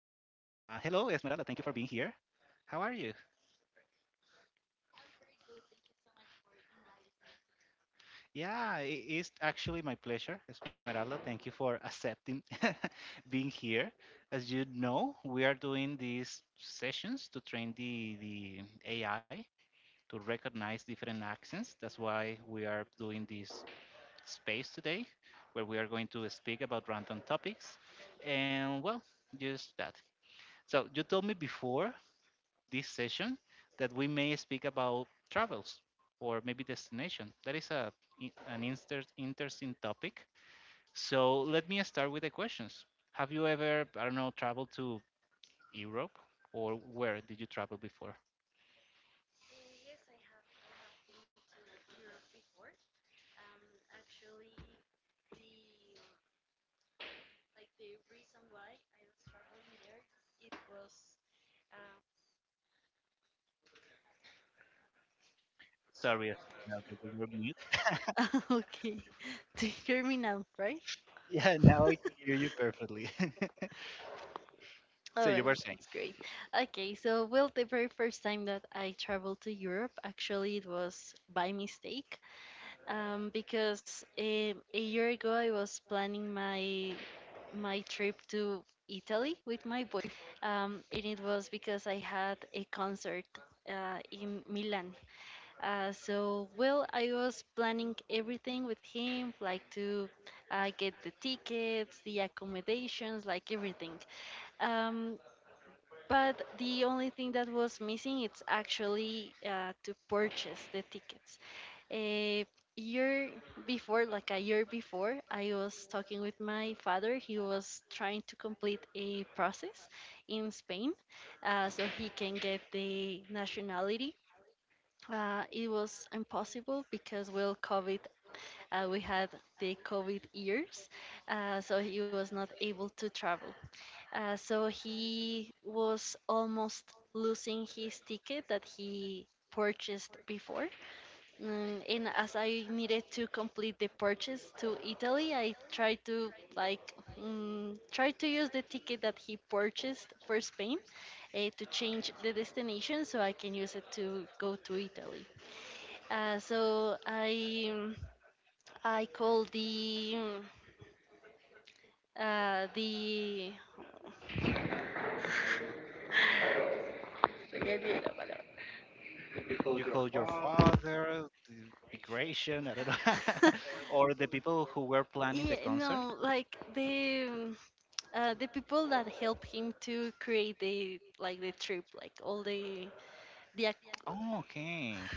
Hello, Esmeralda. Thank you for being here. How are you? Yeah, it is actually my pleasure, Esmeralda. Thank you for accepting being here. As you know, we are doing these sessions to train the AI to recognize different accents. That's why we are doing this space today, where we are going to speak about random topics. And well, just that. So you told me before this session that we may speak about travels or maybe destination. That is an interesting topic. So let me start with the questions. Have you ever, I don't know, traveled to Europe, or where did you travel before? Sorry, Esmeralda, you were mute. okay. Do you hear me now, right? Yeah, now I hear you perfectly. So All you were right, saying, that's great. Okay, so well, the very first time that I traveled to Europe, actually, it was by mistake, because a year ago I was planning my my trip to Italy with my boyfriend, and it was because I had a concert in Milan. Well, I was planning everything with him, like to get the tickets, the accommodations, like everything. Um, but the only thing that was missing it's actually to purchase the tickets. A year before, like a year before, I was talking with my father. He was trying to complete a process in Spain, so he can get the nationality it was impossible because well, COVID, we had the COVID years, so he was not able to travel. So he was almost losing his ticket that he purchased before. And as I needed to complete the purchase to Italy, I tried to like try to use the ticket that he purchased for Spain to change the destination so I can use it to go to Italy. So I I call the Se me olvidó la palabra. you call your father, the migration, I don't know. Or the people who were planning the Yeah, concert? no, like the people that help him to create the like the trip like all the ac- Oh, okay,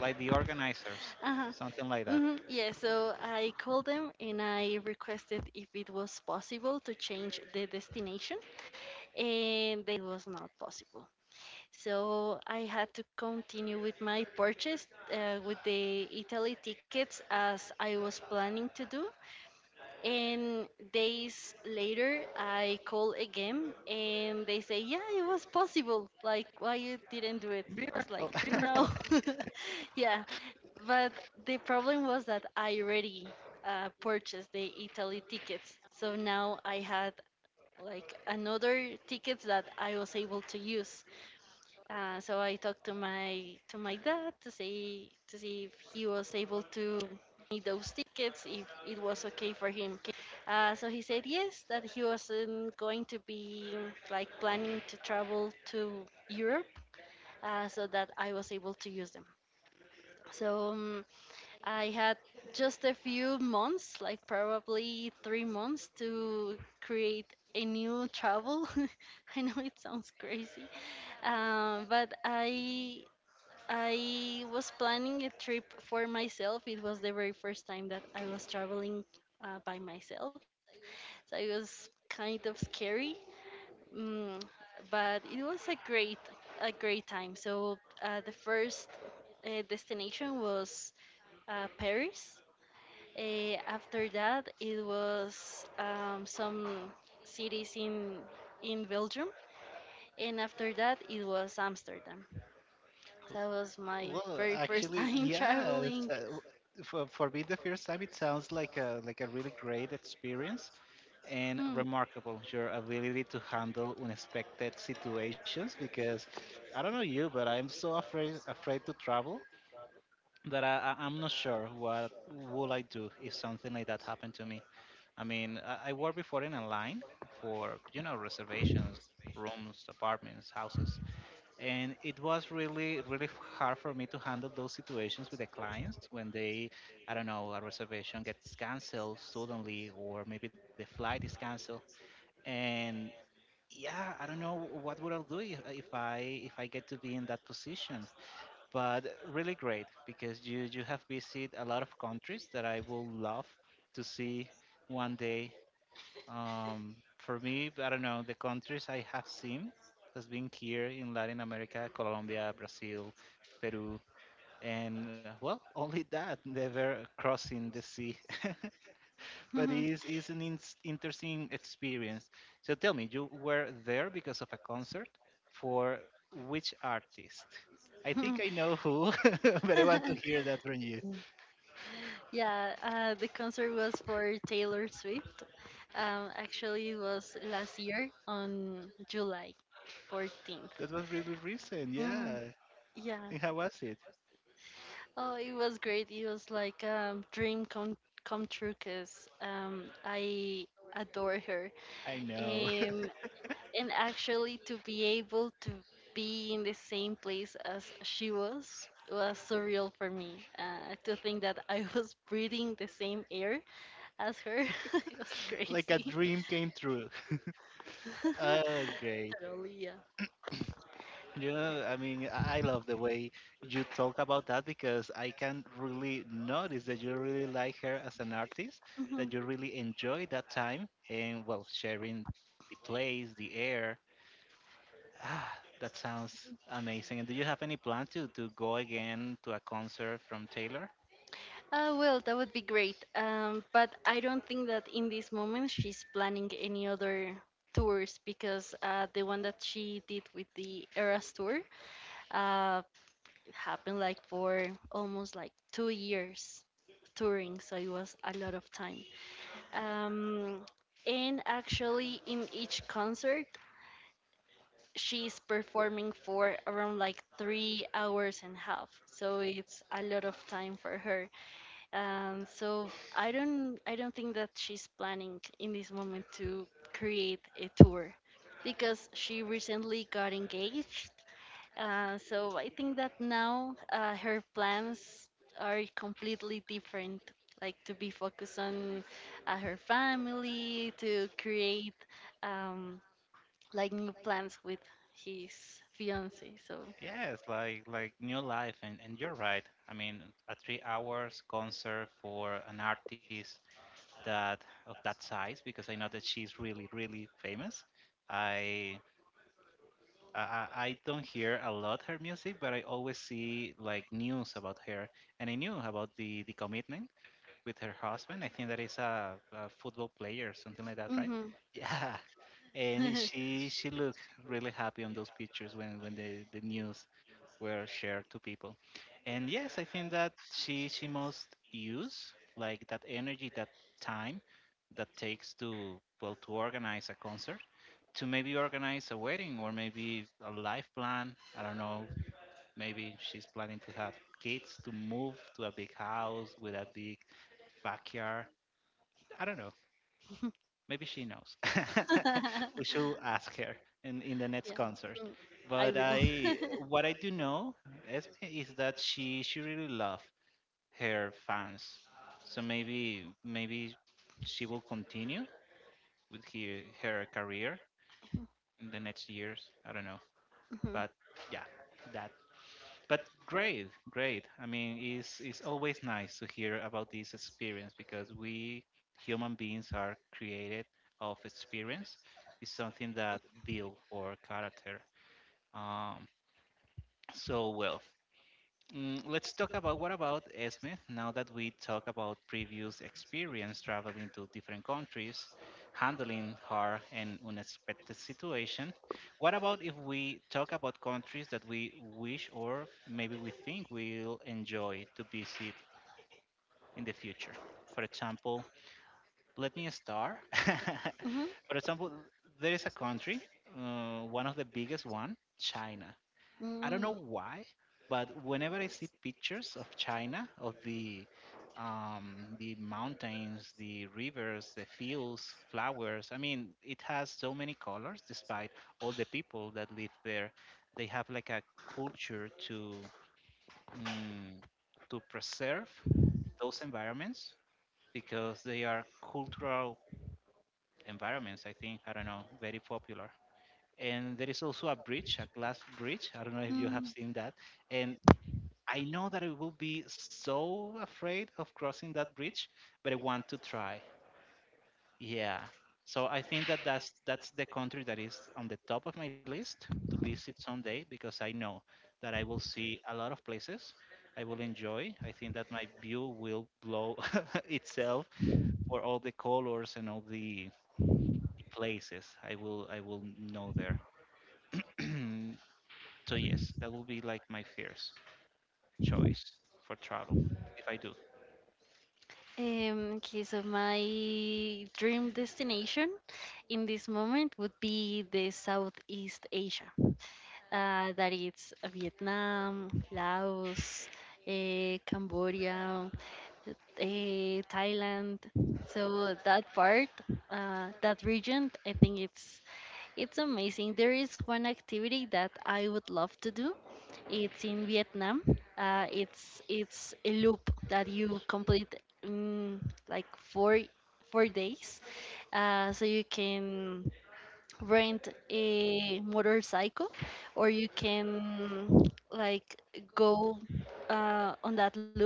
like the organizers, uh-huh. something like that. Hmm, yeah, so I called them and I requested if it was possible to change the destination and they was not possible. So I had to continue with my purchase with the Italy tickets as I was planning to do. And days later, I call again and they say, yeah, it was possible. Like, why you didn't do it? I was Miracle, like, no. miracle. Yeah. But the problem was that I already purchased the Italy tickets. So now I had like another tickets that I was able to use. So I talked to my dad to see if he was able to me those tickets if it was okay for him. So he said yes, that he wasn't going to be like planning to travel to Europe, so that I was able to use them. So I had just a few months, like probably 3 months, to create a new travel. I know it sounds crazy, but I was planning a trip for myself. It was the very first time that I was traveling by myself. So it was kind of scary. Mm, but it was a great time. So the first destination was Paris. After that, it was some cities in Belgium, and after that, it was Amsterdam. That was my Well, very first actually, time yes. traveling. For me, the first time, it sounds like a really great experience Hmm. and remarkable. Your ability to handle unexpected situations, because I don't know you, but I'm so afraid to travel that I'm not sure what will I do if something like that happened to me. I mean, I worked before in a line for reservations, rooms, apartments, houses, and it was really hard for me to handle those situations with the clients when they, I don't know, a reservation gets canceled suddenly, or maybe the flight is canceled. And yeah, I don't know what would I do if I get to be in that position. But really great, because you have visited a lot of countries that I will love to see one day. For me, I don't know, the countries I have seen has been here in Latin America, Colombia, Brazil, Peru, and well, only that, never crossing the sea. But it's an in interesting experience. So tell me, you were there because of a concert for which artist? I think I know who, but I want to hear that from you. Yeah, the concert was for Taylor Swift. Actually, it was last year on July 14th. That was really recent, Mm, yeah. yeah. And how was it? Oh, it was great. It was like dream come come true because I adore her. I know. Um, and actually to be able to be in the same place as she was surreal for me. To think that I was breathing the same air as her, it was Like a crazy. dream came true. Oh, great. Totally, yeah. You know, I mean, I love the way you talk about that, because I can really notice that you really like her as an artist, that Mhm. you really enjoy that time and, well, sharing the place, the air. Ah, that sounds amazing. And do you have any plan to go again to a concert from Taylor? Well, that would be great. But I don't think that in this moment she's planning any other tours because the one that she did with the Eras tour, uh, happened like for almost like 2 years touring, so it was a lot of time. Um, and actually, in each concert, she's performing for around like 3 hours and a half, so it's a lot of time for her. So I don't think that she's planning in this moment to create a tour because she recently got engaged so I think that now her plans are completely different, like to be focused on her family, to create um, like new plans with his fiance. So, Yes, like new life, and, you're right. I mean, a 3 hours concert for an artist that, of that size, because I know that she's really really famous. I I don't hear a lot her music, but I always see like news about her, and I knew about the commitment with her husband. I think that is a football player, something like that, right? hmm. Yeah. And Yeah, she looked really happy on those pictures when when the news were shared to people. And yes, I think that she must use like that energy, that time that takes to, well, to organize a concert, to maybe organize a wedding or maybe a life plan. I don't know. Maybe she's planning to have kids, to move to a big house with a big backyard. I don't know. Maybe she knows. We should ask her in the next concert. mm, I But will. I, what I do know, Esme, is that she really loves her fans. So maybe, maybe she will continue with her career in the next years. I don't know. But yeah, that... But great, great. I mean, it's always nice to hear about this experience, because we human beings are created of experience. It's something that build our character. um, so well. Mm, let's talk about what about Esme. Now that we talk about previous experience traveling to different countries, handling hard and unexpected situation, what about if we talk about countries that we wish, or maybe we think we'll enjoy to visit in the future? For example, let me start. Mhm, For example, there is a country, one of the biggest one, China. I don't mhm, know mm, why, but whenever I see pictures of China, of the mountains, the rivers, the fields, flowers, I mean, it has so many colors. Despite all the people that live there, they have like a culture to, mm, to preserve those environments, because they are cultural environments. I think, I don't know, very popular. And there is also a bridge, a glass bridge. I don't know if you have mm. seen that, and I know that I will be so afraid of crossing that bridge, but I want to try. Yeah. So I think that that's the country that is on the top of my list to visit someday, because I know that I will see a lot of places I will enjoy. I think that my view will blow itself for all the colors and all the places I will know there. So yes, that will be like my first choice for travel, if I do. Okay, so my dream destination in this moment would be the Southeast Asia. That is Vietnam, Laos, eh, Cambodia, eh, Thailand. So that part, that region, I think it's amazing. There is one activity that I would love to do it's in Vietnam. It's a loop that you complete in like four days. So you can rent a motorcycle, or you can like go on that loop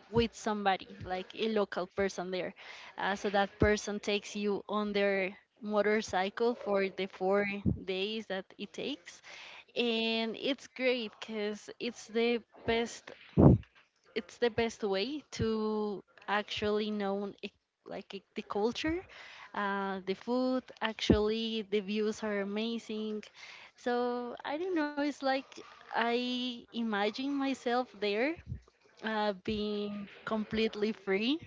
with somebody, like a local person there. So that person takes you on their motorcycle for the 4 days that it takes and it's great because best it's the best way to actually know e- like e- the culture the food, actually the views are amazing, so I don't know, it's like I imagine myself there being completely free,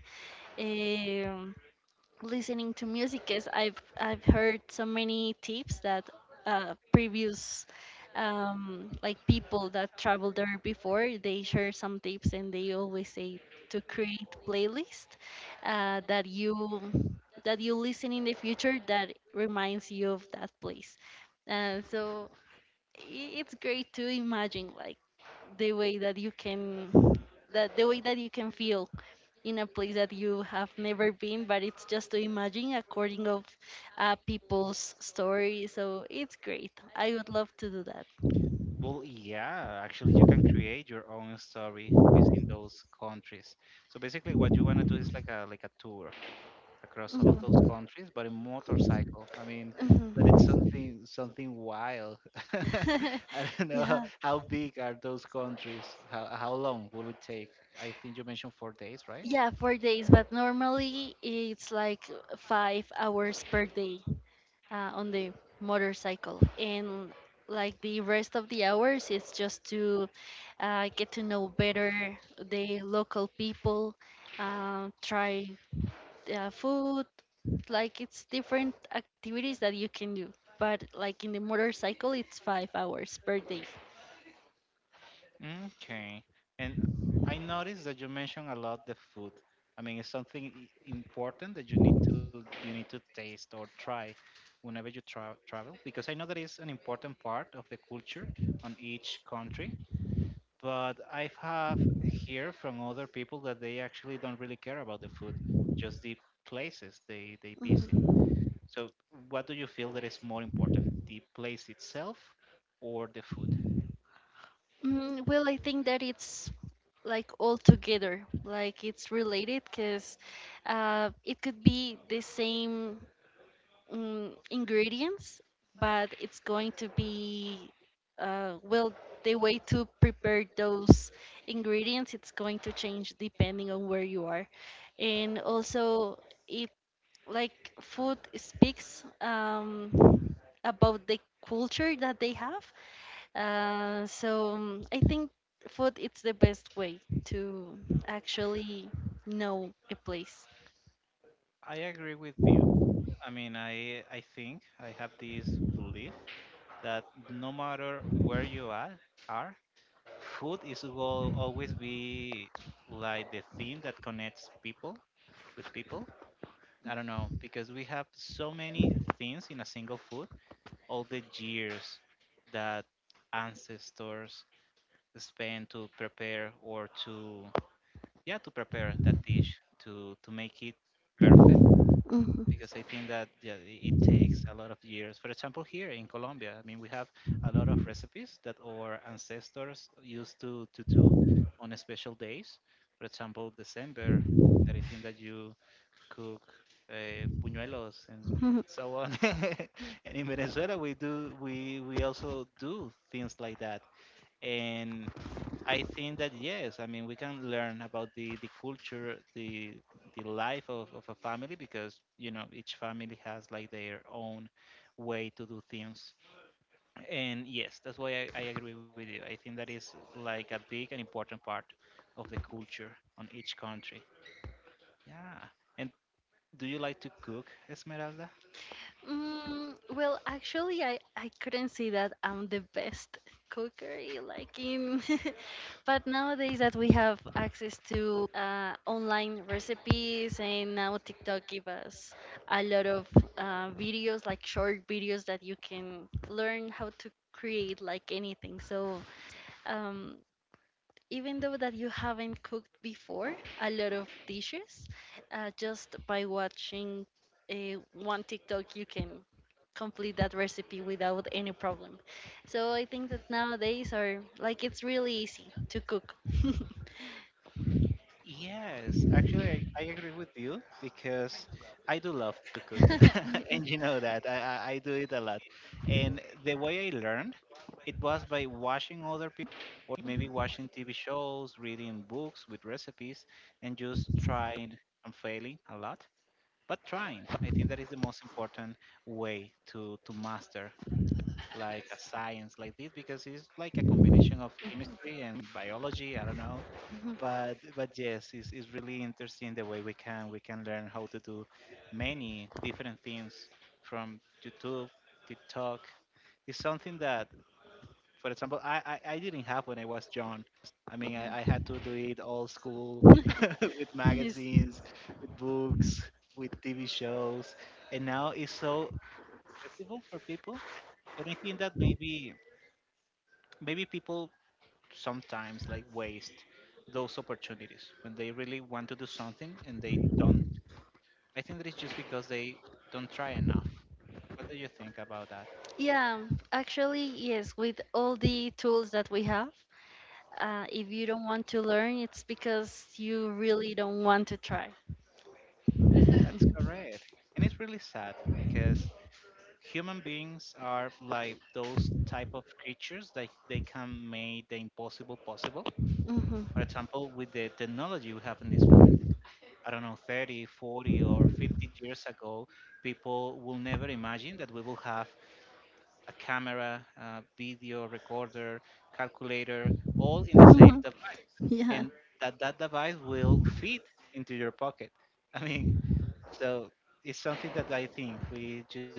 listening to music. Is I've heard so many tips that previous like people that traveled there before they share some tips and they always say to create playlist uh, that you that you listen in the future that reminds you of that place. Uh, so it's great to imagine like the way that you can that the way that you can feel in a place that you have never been but it's just to imagine according of people's stories, so it's great, I would love to do that. Well, yeah, actually, you can create your own story visiting those countries. So basically, what you want to do is like a tour across all of those Mhm, countries, but in motorcycle. I mean, that it's mhm. Something wild. I don't know Yeah. how big are those countries. How long will it take? I think you mentioned 4 days, right? Yeah, 4 days, but normally it's like 5 hours per day on the motorcycle. And like the rest of the hours, it's just to get to know better the local people, try food, like it's different activities that you can do. But like in the motorcycle, it's 5 hours per day. Okay. And I noticed that you mentioned a lot the food. I mean, it's important that you need to taste or try whenever you travel, because I know that is an important part of the culture on each country. But I have hear from other people that they actually don't really care about the food, just the places they visit. Mhm. So, what do you feel that is more important, the place itself or the food? Mm, well, I think that it's like all together like it's related because it could be the same ingredients but it's going to be uh, well the way to prepare those ingredients it's going to change depending on where you are, and also it like food speaks about the culture that they have, I think food it's the best way to actually know a place. I agree with you. I mean, I think I have this belief that no matter where are, food is, will always be like the thing that connects people with people. I don't know, because we have so many things in a single food. All the years that ancestors spent to prepare, or to, yeah, to prepare that dish to make it perfect, Mhm. because I think that, yeah, it takes a lot of years. For example, here in Colombia, I mean, we have a lot of recipes that our ancestors used to do on a special days. For example, December, that I think that you cook puñuelos and so on. And in Venezuela, we also do things like that. And I think that yes, I mean, we can learn about the culture, the life of a family, because you know each family has like their own way to do things. And yes, that's why I agree with you. I think that is like a big and important part of the culture on each country. Yeah. And do you like to cook, Esmeralda? Mm, well, actually, I couldn't say that I'm the best cooker, eh, like in, but nowadays that we have access to online recipes and now TikTok give us a lot of videos, like short videos that you can learn how to create like anything. So, um, even though that you haven't cooked before a lot of dishes, just by watching one TikTok, you can complete that recipe without any problem. So I think that nowadays are like it's really easy to cook. Yes, actually, I agree with you, because I do love to cook, Yes. and you know that I do it a lot. And the way I learned, it was by watching other people, or maybe watching TV shows, reading books with recipes, and just trying and failing a lot, but trying. I think that is the most important way to master like a science like this, because it's like a combination of chemistry and biology. I don't know, Mhm, but yes, it's really interesting the way we can learn how to do many different things from YouTube, TikTok. It's something that, for example, I didn't have when I was young. I mean, I mhm. had to do it old school with Yes. magazines, with books, with TV shows, and now it's so accessible for people. And I think that maybe, maybe people sometimes like waste those opportunities when they really want to do something and they don't. I think that it's just because they don't try enough. What do you think about that? Yeah, actually, yes, with all the tools that we have, if you don't want to learn, it's because you really don't want to try. That's correct. And it's really sad because human beings are like those type of creatures that they can make the impossible possible. For Mhm. example, with the technology we have in this moment. I don't know, 30, 40, or 50 years ago, people will never imagine that we will have a camera, a video recorder, calculator, all in the same device, Yeah. and that that device will fit into your pocket. I mean, so it's something that I think we just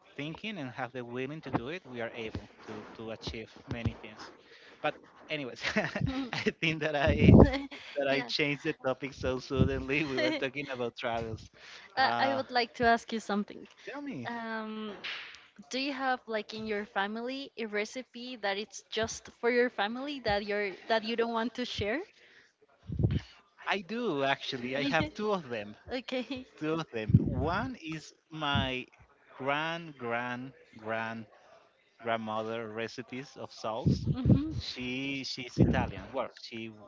thinking and have the willing to do it, we are able to achieve many things. But anyways, Hmm. I think that I that I Yeah. changed the topic so suddenly. We were talking about travels. I Uh, would like to ask you something. Tell me, Um, do you have like in your family a recipe that it's just for your family that you don't want to share? I do actually. I Yes, have two of them. okay. One is my grand grand grand grandmother recipes of sauce. Mm-hmm. She's Italian. Well, she w-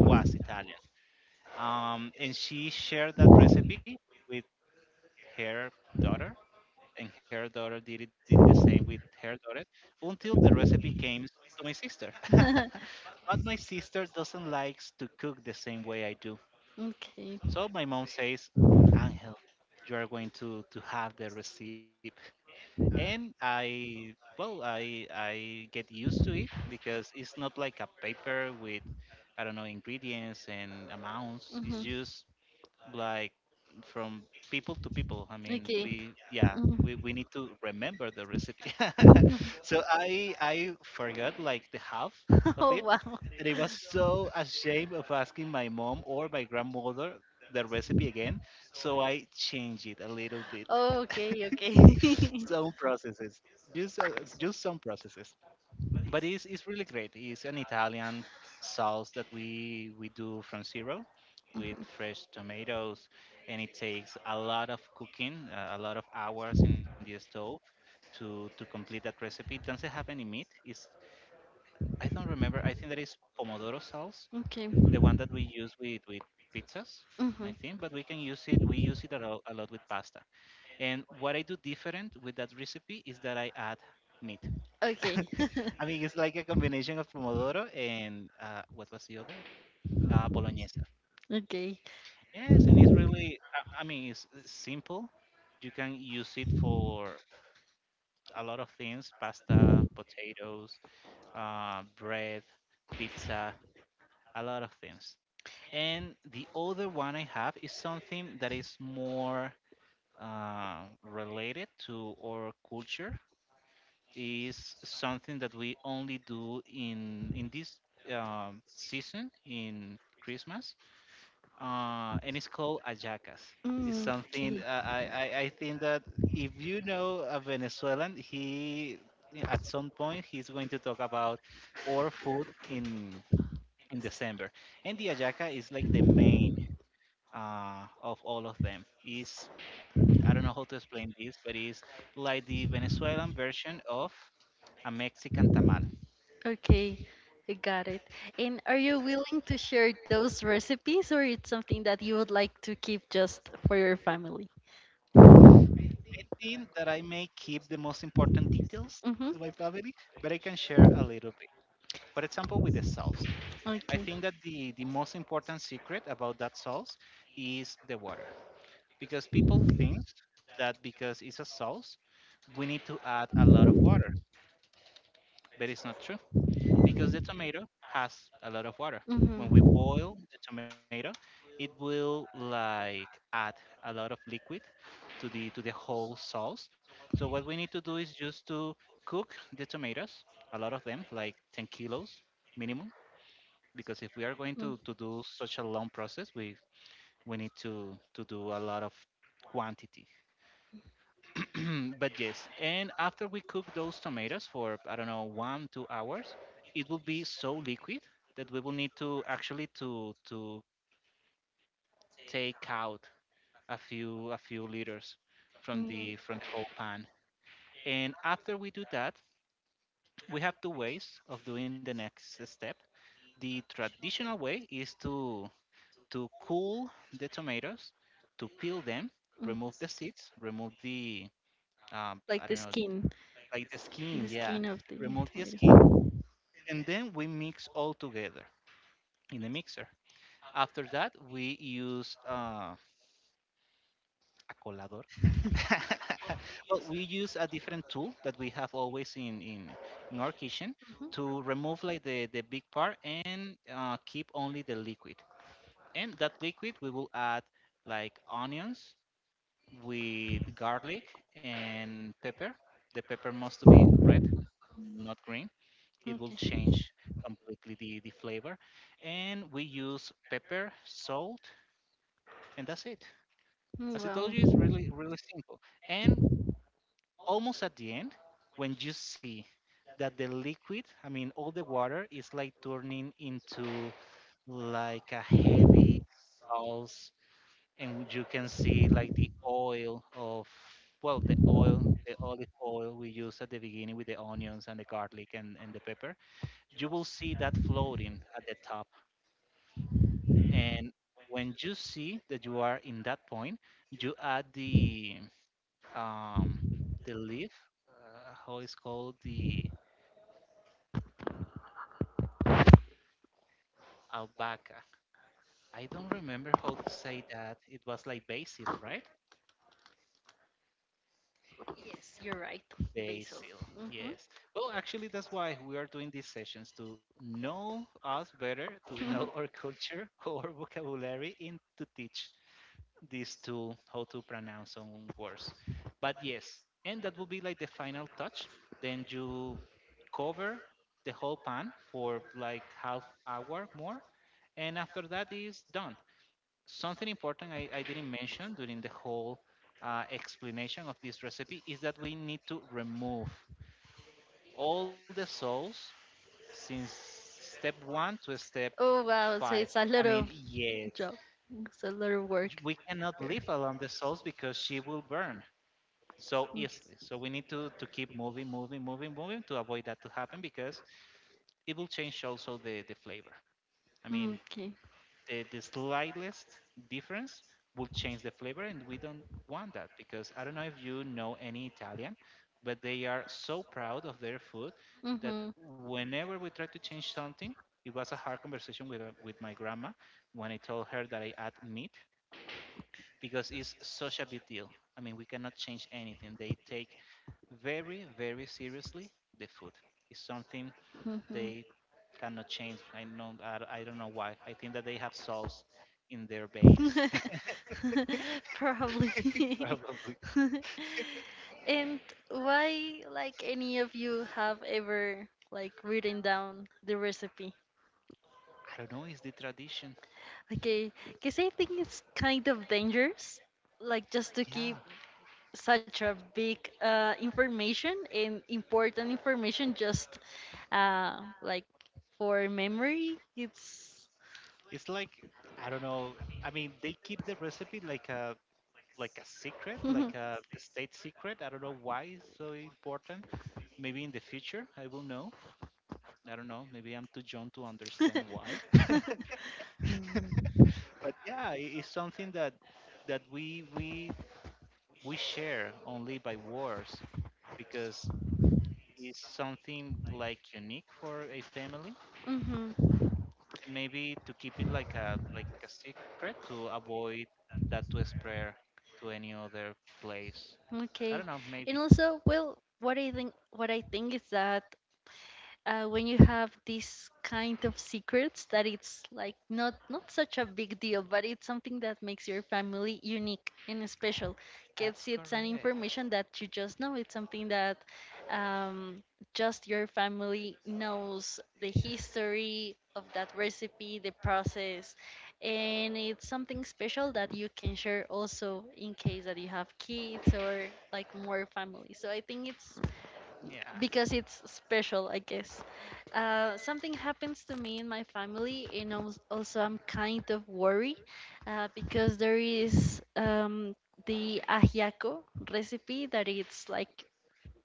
was Italian. And she shared that recipe with her daughter, and her daughter did the same with her daughter until the recipe came to my sister. But my sister doesn't like to cook the same way I do, Okay. so my mom says, Angel, you are going to have the receipt. And I well I get used to it because it's not like a paper with, I don't know, ingredients and amounts. Mm-hmm. It's just like from people to people. I mean, Okay. we yeah, we, Mhm. we need to remember the recipe. So I I forgot like the half of Oh, it, wow. and I was so ashamed of asking my mom or my grandmother the recipe again. So I changed it a little bit. Oh, okay, okay. Some processes, just some processes, but it's really great. It's an Italian sauce that we do from zero with Mhm. fresh tomatoes, and it takes a lot of cooking, a lot of hours in the stove to complete that recipe. It doesn't have any meat. It's, I don't remember. I think that is pomodoro sauce, Okay. the one that we use with pizzas. I Mm-hmm. think, but we can use it. We use it a lot with pasta. And what I do different with that recipe is that I add meat. Okay. I mean, it's like a combination of pomodoro and, what was the other? Bolognese. Okay. Yes, and it's really, I mean, it's simple. You can use it for a lot of things: pasta, potatoes, bread, pizza, a lot of things. And the other one I have is something that is more related to our culture. Is something that we only do in this season in Christmas, and it's called ayacas. It's Mm, something, okay. I think that if you know a Venezuelan, he at some point he's going to talk about our food in December, and the ayaca is like the main, of all of them. Is, I don't know how to explain this, but it's like the Venezuelan version of a Mexican tamal. I Okay. I got it. And are you willing to share those recipes or it's something that you would like to keep just for your family? think that I may keep the most important details Mm-hmm. to my family, but I can share a little bit. For example, with the sauce, I Okay. think that the most important secret about that sauce is the water. Because people think that because it's a sauce, we need to add a lot of water, but it's not true. Because the tomato has a lot of water. When we boil Mm-hmm. the tomato, it will like add a lot of liquid to the whole sauce. So what we need to do is just to cook the tomatoes, a lot of them, like 10 kilos minimum, because if we are going to do such a long process, we need to do a lot of quantity. But yes, and after we cook those tomatoes for, I don't know, 1 2 hours, it will be so liquid that we will need to actually to take out a few liters Mm-hmm. From the whole pan. And after we do that, we have two ways of doing the next step. The traditional way is to cool the tomatoes, to peel them, remove the seeds, remove the, I Like don't know, like the skin, the yeah. skin of the Remove the skin, tomato. and then we mix all together in the mixer. After that, we use, a colador. Well, we use a different tool that we have always in our kitchen Hmm. to remove like the big part and, keep only the liquid. And that liquid we will add like onions with garlic and pepper. The pepper must be red, not green, it will Okay. change completely the flavor. And we use pepper, salt, and that's it. Mm, As I wow. told you, it's really, really simple. And almost at the end, when you see that the liquid, I mean, all the water is like turning into like a heavy sauce, and you can see like the oil of, well, the oil, the olive oil we use at the beginning with the onions and the garlic and the pepper. You will see that floating at the top, and when you see that you are in that point, you add the, um the leaf, how it's called, the albahaca. I don't remember how to say that. It was like basil, right? Yes, you're right, basil. Basil. Hmm. Yes. Well, actually, that's why we are doing these sessions, to know us better, to know our culture, our vocabulary, and to teach this tool how to pronounce some words. But yes, and that will be like the final touch. Then you cover the whole pan for like half hour more, and after that is done. Something important I didn't mention during the whole, explanation of this recipe is that we need to remove all the sauce since step one to step Oh wow, so five. it's a I lot mean, of yes, job. It's a lot of work we cannot here. leave alone the sauce because she will burn so Mm, easily. So we need to keep moving, moving, moving, moving to avoid that to happen because it will change also the flavor. I mean, mm, okay. the slightest difference will change the flavor, and we don't want that because I don't know if you know any Italian, but they are so proud of their food that Mm-hmm. whenever we try to change something. It was a hard conversation with my grandma when I told her that I add meat, because it's such a big deal. I mean, we cannot change anything. They take very, very seriously the food. It's something they cannot change. I know, I don't know why. I think that they have souls in their veins. Mm-hmm. Probably. Probably. And why, like, any of you have ever like written down the recipe? I don't know. It's the tradition. Okay, because I think it's kind of dangerous, like just to keep Yeah, such a big information and important information just like for memory. It's it's like, I don't know. I mean, they keep the recipe like a secret, like a state secret. I don't know why it's so important. Maybe in the future I will know. I don't know. Maybe I'm too young to understand why. But yeah, it's something that we share only by words because it's something like unique for a family, hmm. and maybe to keep it like a secret to avoid that to spread to any other place. Okay. I don't know, And maybe. also, well, what I think is that when you have these kind of secrets that it's like not not such a big deal but it's something that makes your family unique and special because That's it's an correct. information that you just know it's something that um, just your family knows the history of that recipe the process and it's something special that you can share also in case that you have kids or like more families so I think it's Yeah, because it's special, I guess. Something happens to me in my family, and als- also I'm kind of worried because there is the ajiaco recipe that it's like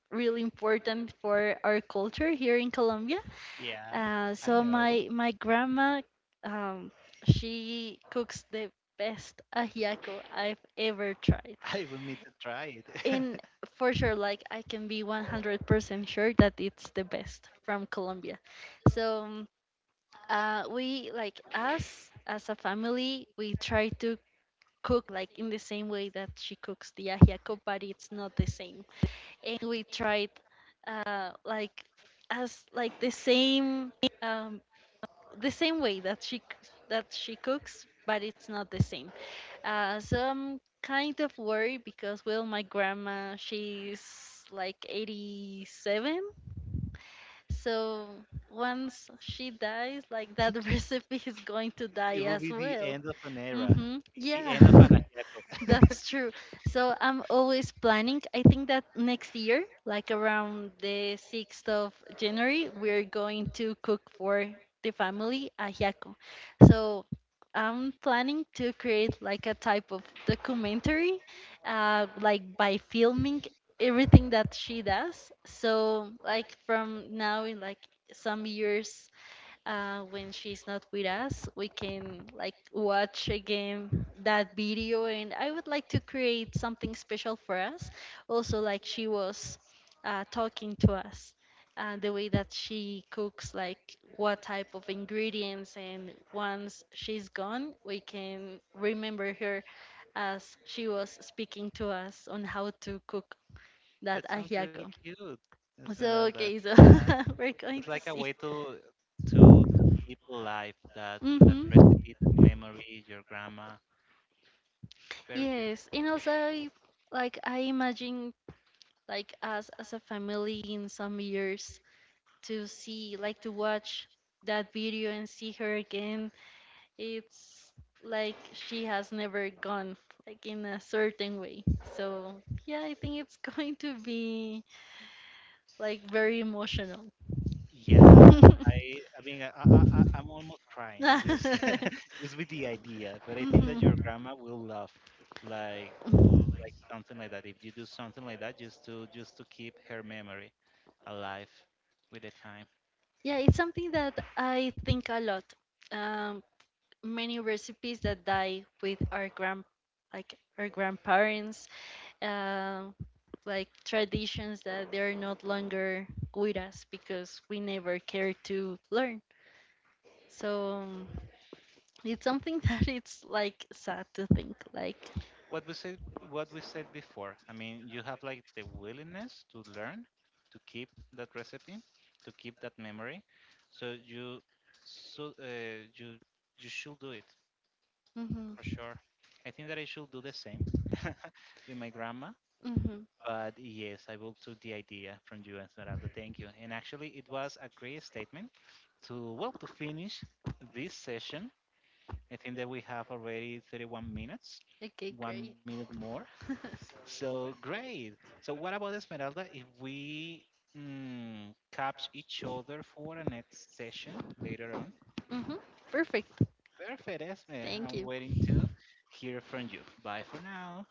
really important for our culture here in Colombia. yeah, I So know. my grandma, um, she cooks the best ajiaco I've ever tried. I will need to try it. And for sure, like I can be 100% sure that it's the best from Colombia. So um, we like us as a family, we try to cook like in the same way that she cooks the ajiaco, but it's not the same. And we tried like as like the same. um, the same way that she c- that she cooks, but it's not the same. So I'm kind of worried because well, my grandma she's like 87, so once she dies, like that recipe is going to die It as will be well. the end of an era, Mhm. Yeah. the end of anahiaco. That's true. So I'm always planning. I think that next year, like around the 6th of January, we're going to cook for the family ajiaco. So I'm planning to create like a type of documentary, like by filming everything that she does. So like from now in like some years when she's not with us we can like watch again that video, and I would like to create something special for us, also like she was talking to us the way that she cooks like what type of ingredients, and once she's gone we can remember her as she was speaking to us on how to cook that That sounds ajiaco. really cute, So okay, Esmeralda. so Yeah, we're going it's to like see. a way to to keep alive that Mm-hmm. recipe, that memory, your grandma. Very cute. Yes, and also like I imagine like us as a family in some years to see like to watch that video and see her again. It's like she has never gone like in a certain way. So yeah, I think it's going to be like very emotional. Yeah, I I mean I, I I- I'm almost crying just, just with the idea, but I think that Mhm. your grandma will love like, like something like that. If you do something like that, just to keep her memory alive with the time. Yeah, it's something that I think a lot. Um, Many recipes that die with our grand, like our grandparents, uh, like traditions that they are not longer with us because we never care to learn. So it's something that it's like sad to think. Like, What we said before, I mean, you have like the willingness to learn, to keep that recipe, to keep that memory, so you so you should do it for mm-hmm, sure. I think that I should do the same with my grandma. mm-hmm. But yes, I will took the idea from you, Esmeralda, thank you, and actually it was a great statement to, well, to finish this session. I think that we have already 31 minutes, Okay, one great. minute more, so great. So what about Esmeralda? If we, catch each other for a next session later on. Mm-hmm, perfect. Perfect, Esme. Thank I'm you. waiting to hear from you. Bye for now.